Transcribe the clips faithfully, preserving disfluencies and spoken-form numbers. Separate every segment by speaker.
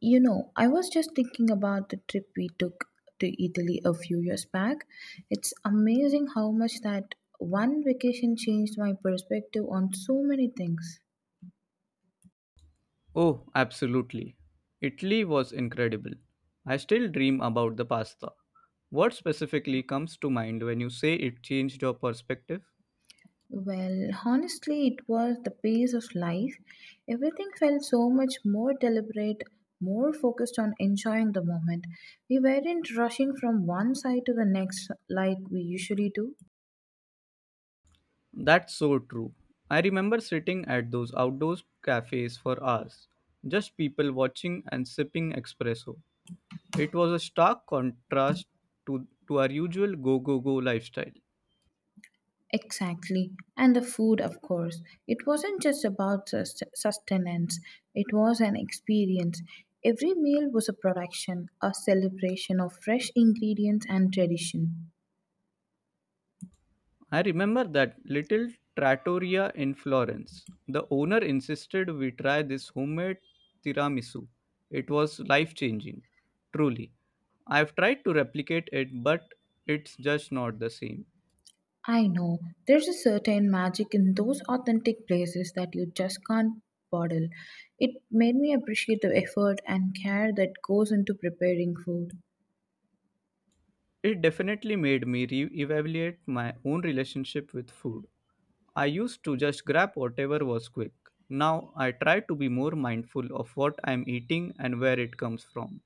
Speaker 1: You know, I was just thinking about the trip we took to Italy a few years back. It's amazing how much that one vacation changed my perspective on so many things.
Speaker 2: Oh, absolutely. Italy was incredible. I still dream about the pasta. What specifically comes to mind when you say it changed your perspective?
Speaker 1: Well, honestly, it was the pace of life. Everything felt so much more deliberate, more focused on enjoying the moment. We weren't rushing from one side to the next like we usually do.
Speaker 2: That's so true. I remember sitting at those outdoor cafes for hours, just people watching and sipping espresso. It was a stark contrast to, to our usual go go go lifestyle.
Speaker 1: Exactly. And the food, of course. It wasn't just about sus- sustenance, it was an experience. Every meal was a production, a celebration of fresh ingredients and tradition.
Speaker 2: I remember that little trattoria in Florence. The owner insisted we try this homemade tiramisu. It was life changing, truly. I've tried to replicate it, but it's just not the same.
Speaker 1: I know, there's a certain magic in those authentic places that you just can't bottle. It made me appreciate the effort and care that goes into preparing food.
Speaker 2: It definitely made me re evaluate my own relationship with food. I used to just grab whatever was quick. Now I try to be more mindful of what I'm eating and where it comes from.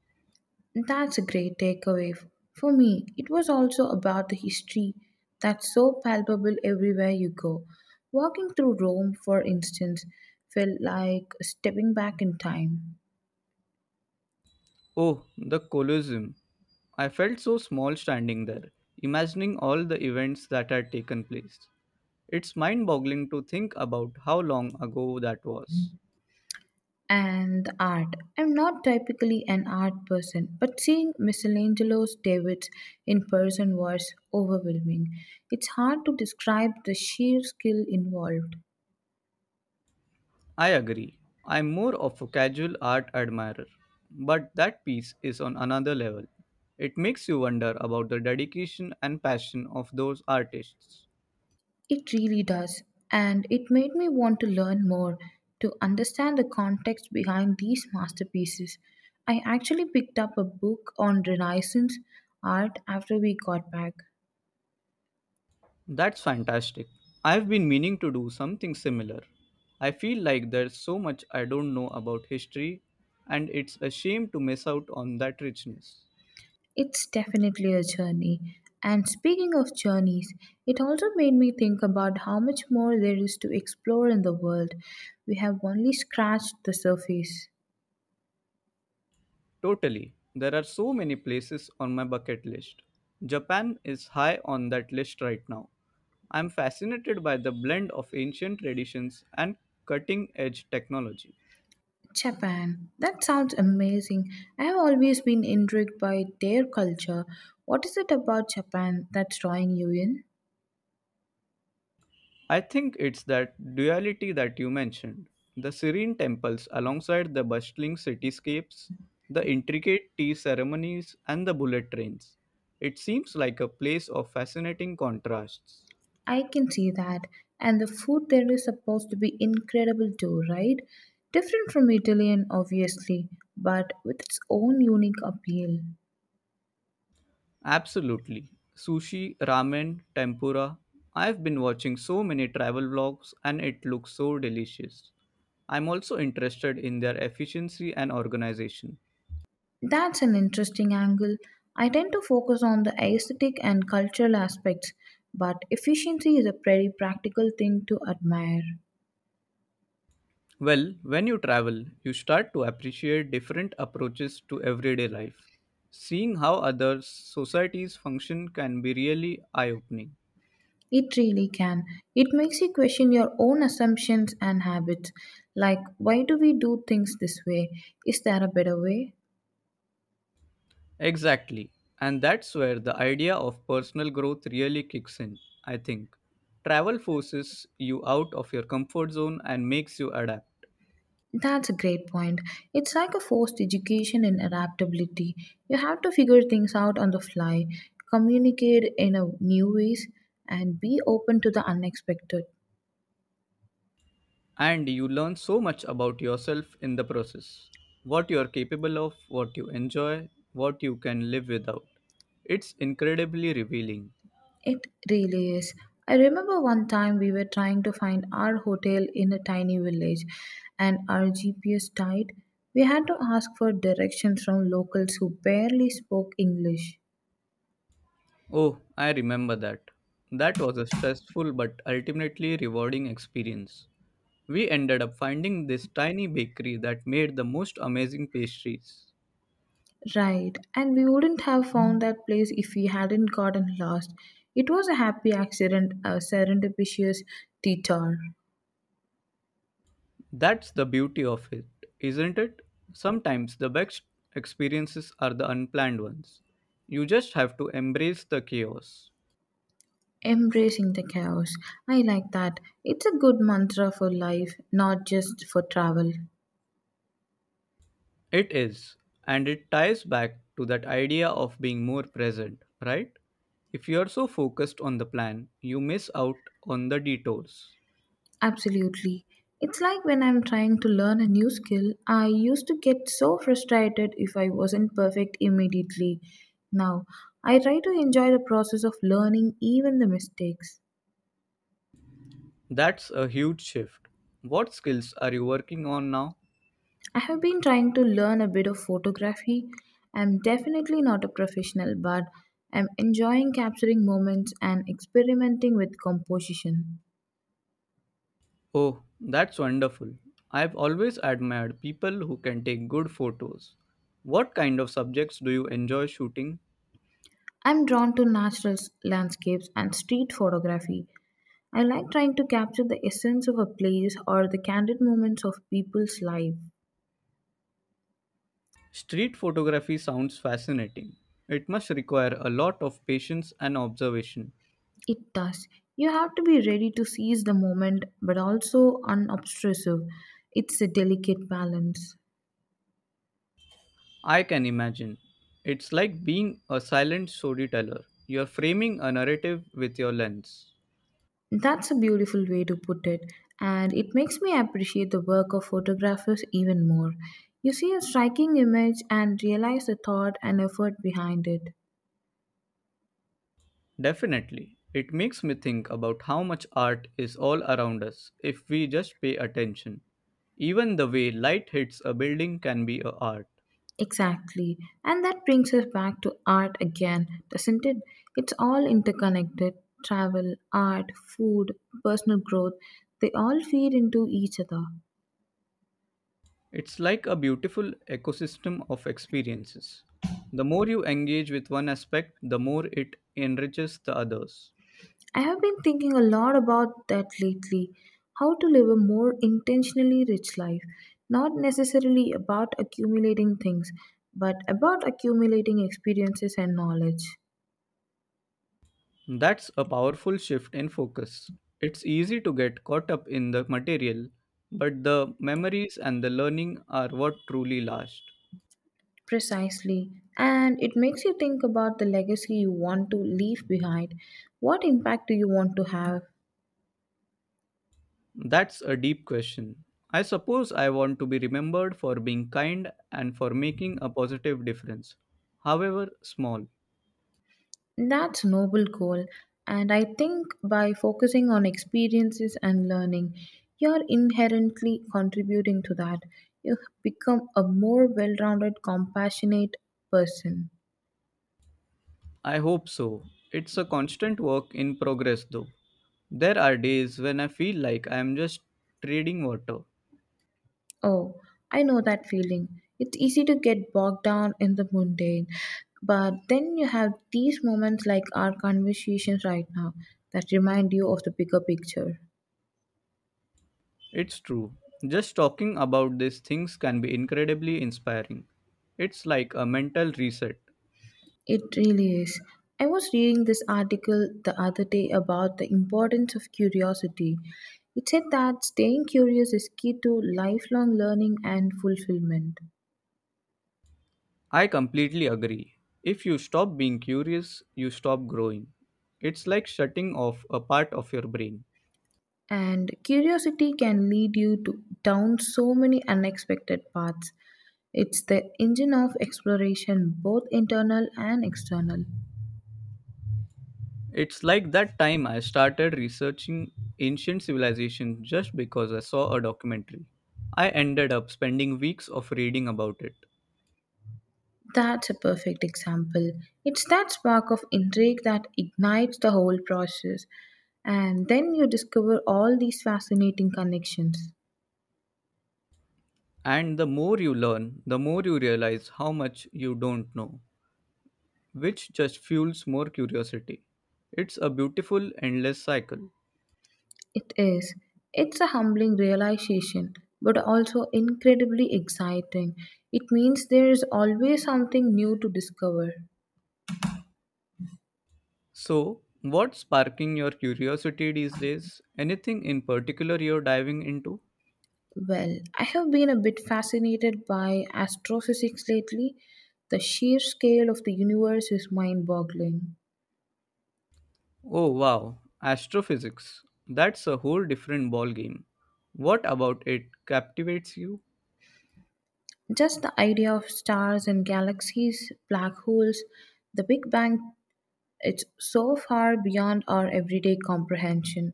Speaker 1: That's a great takeaway. For me, it was also about the history that's so palpable everywhere you go. Walking through Rome, for instance, felt like stepping back in time.
Speaker 2: Oh, the Colosseum. I felt so small standing there, imagining all the events that had taken place. It's mind boggling to think about how long ago that was.
Speaker 1: And the art. I'm not typically an art person, but seeing Michelangelo's Davids in person was overwhelming. It's hard to describe the sheer skill involved.
Speaker 2: I agree. I'm more of a casual art admirer, but that piece is on another level. It makes you wonder about the dedication and passion of those artists.
Speaker 1: It really does, and it made me want to learn more to understand the context behind these masterpieces. I actually picked up a book on Renaissance art after we got back.
Speaker 2: That's fantastic. I've been meaning to do something similar. I feel like there's so much I don't know about history, and it's a shame to miss out on that richness.
Speaker 1: It's definitely a journey. And speaking of journeys, it also made me think about how much more there is to explore in the world. We have only scratched the surface.
Speaker 2: Totally. There are so many places on my bucket list. Japan is high on that list right now. I'm fascinated by the blend of ancient traditions and cutting edge technology.
Speaker 1: Japan. That sounds amazing. I have always been intrigued by their culture. What is it about Japan that's drawing you in?
Speaker 2: I think it's that duality that you mentioned the serene temples alongside the bustling cityscapes, the intricate tea ceremonies, and the bullet trains. It seems like a place of fascinating contrasts.
Speaker 1: I can see that. And the food there is supposed to be incredible too, right? Different from Italian, obviously, but with its own unique appeal.
Speaker 2: Absolutely. Sushi, ramen, tempura. I've been watching so many travel vlogs and it looks so delicious. I'm also interested in their efficiency and organization.
Speaker 1: That's an interesting angle. I tend to focus on the aesthetic and cultural aspects, but efficiency is a very practical thing to admire.
Speaker 2: Well, when you travel, you start to appreciate different approaches to everyday life. Seeing how other societies function can be really eye opening.
Speaker 1: It really can. It makes you question your own assumptions and habits. Like, why do we do things this way? Is there a better way?
Speaker 2: Exactly. And that's where the idea of personal growth really kicks in, I think. Travel forces you out of your comfort zone and makes you adapt.
Speaker 1: That's a great point. It's like a forced education in adaptability. You have to figure things out on the fly, communicate in a new ways, and be open to the unexpected.
Speaker 2: And you learn so much about yourself in the process what you are capable of, what you enjoy, what you can live without. It's incredibly revealing.
Speaker 1: It really is. I remember one time we were trying to find our hotel in a tiny village and our G P S died. We had to ask for directions from locals who barely spoke English.
Speaker 2: Oh, I remember that. That was a stressful but ultimately rewarding experience. We ended up finding this tiny bakery that made the most amazing pastries.
Speaker 1: Right, and we wouldn't have found that place if we hadn't gotten lost. It was a happy accident, a serendipitous detour.
Speaker 2: That's the beauty of it, isn't it? Sometimes the best experiences are the unplanned ones. You just have to embrace the chaos.
Speaker 1: Embracing the chaos. I like that. It's a good mantra for life, not just for travel.
Speaker 2: It is, and it ties back to that idea of being more present, right? If you are so focused on the plan, you miss out on the detours.
Speaker 1: Absolutely. It's like when I'm trying to learn a new skill, I used to get so frustrated if I wasn't perfect immediately. Now, I try to enjoy the process of learning even the mistakes.
Speaker 2: That's a huge shift. What skills are you working on now?
Speaker 1: I have been trying to learn a bit of photography. I'm definitely not a professional, but I'm enjoying capturing moments and experimenting with composition.
Speaker 2: Oh, that's wonderful. I've always admired people who can take good photos. What kind of subjects do you enjoy shooting?
Speaker 1: I'm drawn to natural s- landscapes and street photography, I like trying to capture the essence of a place or the candid moments of people's life.
Speaker 2: Street photography sounds fascinating. It must require a lot of patience and observation.
Speaker 1: It does. You have to be ready to seize the moment but also unobtrusive. It's a delicate balance.
Speaker 2: I can imagine. It's like being a silent storyteller. You're framing a narrative with your lens.
Speaker 1: That's a beautiful way to put it, and it makes me appreciate the work of photographers even more. You see a striking image and realize the thought and effort behind it.
Speaker 2: Definitely. It makes me think about how much art is all around us if we just pay attention. Even the way light hits a building can be a art.
Speaker 1: Exactly. And that brings us back to art again, doesn't it? It's all interconnected travel, art, food, personal growth. They all feed into each other.
Speaker 2: It's like a beautiful ecosystem of experiences. The more you engage with one aspect, the more it enriches the others.
Speaker 1: I have been thinking a lot about that lately how to live a more intentionally rich life. Not necessarily about accumulating things, but about accumulating experiences and knowledge.
Speaker 2: That's a powerful shift in focus. It's easy to get caught up in the material, but the memories and the learning are what truly last.
Speaker 1: Precisely. And it makes you think about the legacy you want to leave behind. What impact do you want to have?
Speaker 2: That's a deep question. I suppose I want to be remembered for being kind and for making a positive difference, however small.
Speaker 1: That's a noble goal. And I think by focusing on experiences and learning, you're inherently contributing to that. You become a more well rounded, compassionate person.
Speaker 2: I hope so. It's a constant work in progress, though. There are days when I feel like I am just trading water.
Speaker 1: Oh, I know that feeling. It's easy to get bogged down in the mundane, but then you have these moments like our conversations right now that remind you of the bigger picture.
Speaker 2: It's true. Just talking about these things can be incredibly inspiring. It's like a mental reset.
Speaker 1: It really is. I was reading this article the other day about the importance of curiosity. It said that staying curious is key to lifelong learning and fulfillment.
Speaker 2: I completely agree. If you stop being curious, you stop growing. It's like shutting off a part of your brain.
Speaker 1: And curiosity can lead you to down so many unexpected paths. It's the engine of exploration, both internal and external.
Speaker 2: It's like that time I started researching ancient civilization just because I saw a documentary. I ended up spending weeks of reading about it.
Speaker 1: That's a perfect example. It's that spark of intrigue that ignites the whole process, and then you discover all these fascinating connections.
Speaker 2: And the more you learn, the more you realize how much you don't know, which just fuels more curiosity. It's a beautiful, endless cycle.
Speaker 1: It is. It's a humbling realization, but also incredibly exciting. It means there is always something new to discover.
Speaker 2: So, what's sparking your curiosity these days? Anything in particular you're diving into?
Speaker 1: Well, I have been a bit fascinated by astrophysics lately. The sheer scale of the universe is mind boggling.
Speaker 2: Oh wow, astrophysics. That's a whole different ballgame. What about it captivates you?
Speaker 1: Just the idea of stars and galaxies, black holes, the Big Bang, it's so far beyond our everyday comprehension.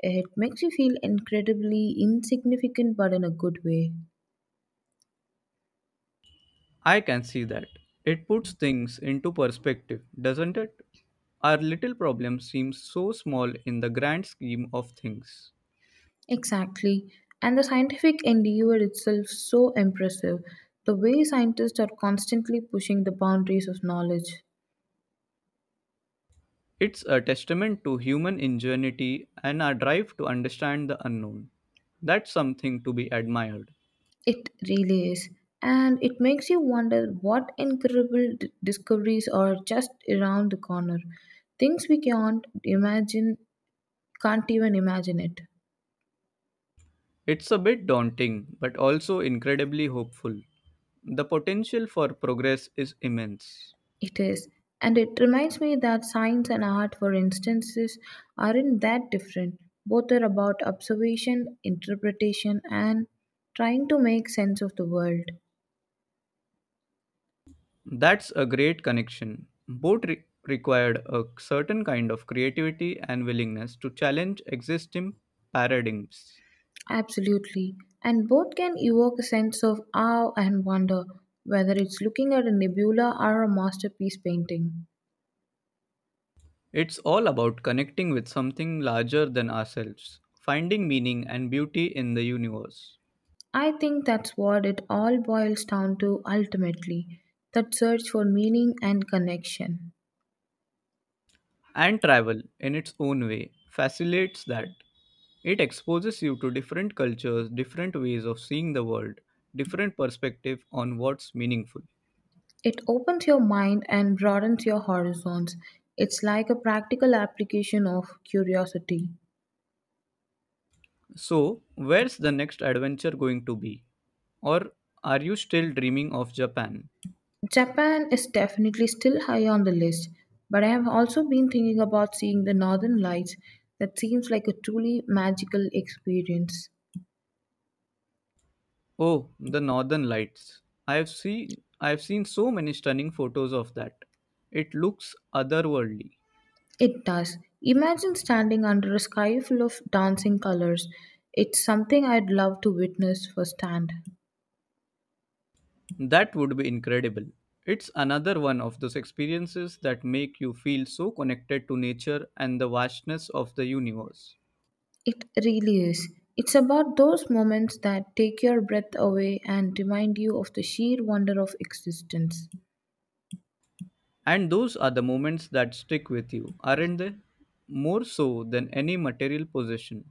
Speaker 1: It makes you feel incredibly insignificant, but in a good way.
Speaker 2: I can see that. It puts things into perspective, doesn't it? Our little problem seems so small in the grand scheme of things.
Speaker 1: Exactly. And the scientific endeavor itself so impressive. The way scientists are constantly pushing the boundaries of knowledge.
Speaker 2: It's a testament to human ingenuity and our drive to understand the unknown. That's something to be admired.
Speaker 1: It really is. And it makes you wonder what incredible d- discoveries are just around the corner. Things we can't imagine, can't even imagine it.
Speaker 2: It's a bit daunting, but also incredibly hopeful. The potential for progress is immense.
Speaker 1: It is. And it reminds me that science and art, for instances, aren't that different. Both are about observation, interpretation, and trying to make sense of the world.
Speaker 2: That's a great connection. Both re- required a certain kind of creativity and willingness to challenge existing paradigms.
Speaker 1: Absolutely. And both can evoke a sense of awe and wonder, whether it's looking at a nebula or a masterpiece painting.
Speaker 2: It's all about connecting with something larger than ourselves, finding meaning and beauty in the universe.
Speaker 1: I think that's what it all boils down to ultimately that search for meaning and connection.
Speaker 2: And travel, in its own way, facilitates that. It exposes you to different cultures, different ways of seeing the world, different perspective on what's meaningful.
Speaker 1: It opens your mind and broadens your horizons. It's like a practical application of curiosity.
Speaker 2: So, where's the next adventure going to be? Or are you still dreaming of Japan?
Speaker 1: Japan is definitely still high on the list, but I have also been thinking about seeing the northern lights. That seems like a truly magical experience.
Speaker 2: Oh, the northern lights. I've seen I've seen so many stunning photos of that. It looks otherworldly.
Speaker 1: It does. Imagine standing under a sky full of dancing colors. It's something I'd love to witness firsthand.
Speaker 2: That would be incredible. It's another one of those experiences that make you feel so connected to nature and the vastness of the universe.
Speaker 1: It really is. It's about those moments that take your breath away and remind you of the sheer wonder of existence.
Speaker 2: And those are the moments that stick with you, aren't they? More so than any material possession.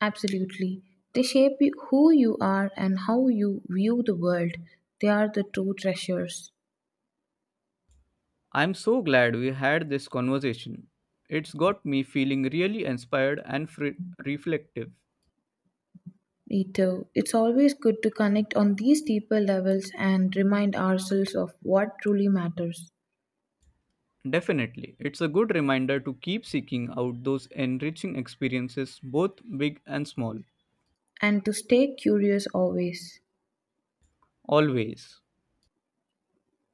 Speaker 1: Absolutely. They shape you- who you are and how you view the world. They are the true treasures.
Speaker 2: I'm so glad we had this conversation. It's got me feeling really inspired and fre- reflective.
Speaker 1: Ito, it's always good to connect on these deeper levels and remind ourselves of what truly matters
Speaker 2: Definitely, it's a good reminder to keep seeking out those enriching experiences, both big and small.
Speaker 1: and to stay curious always.
Speaker 2: Always.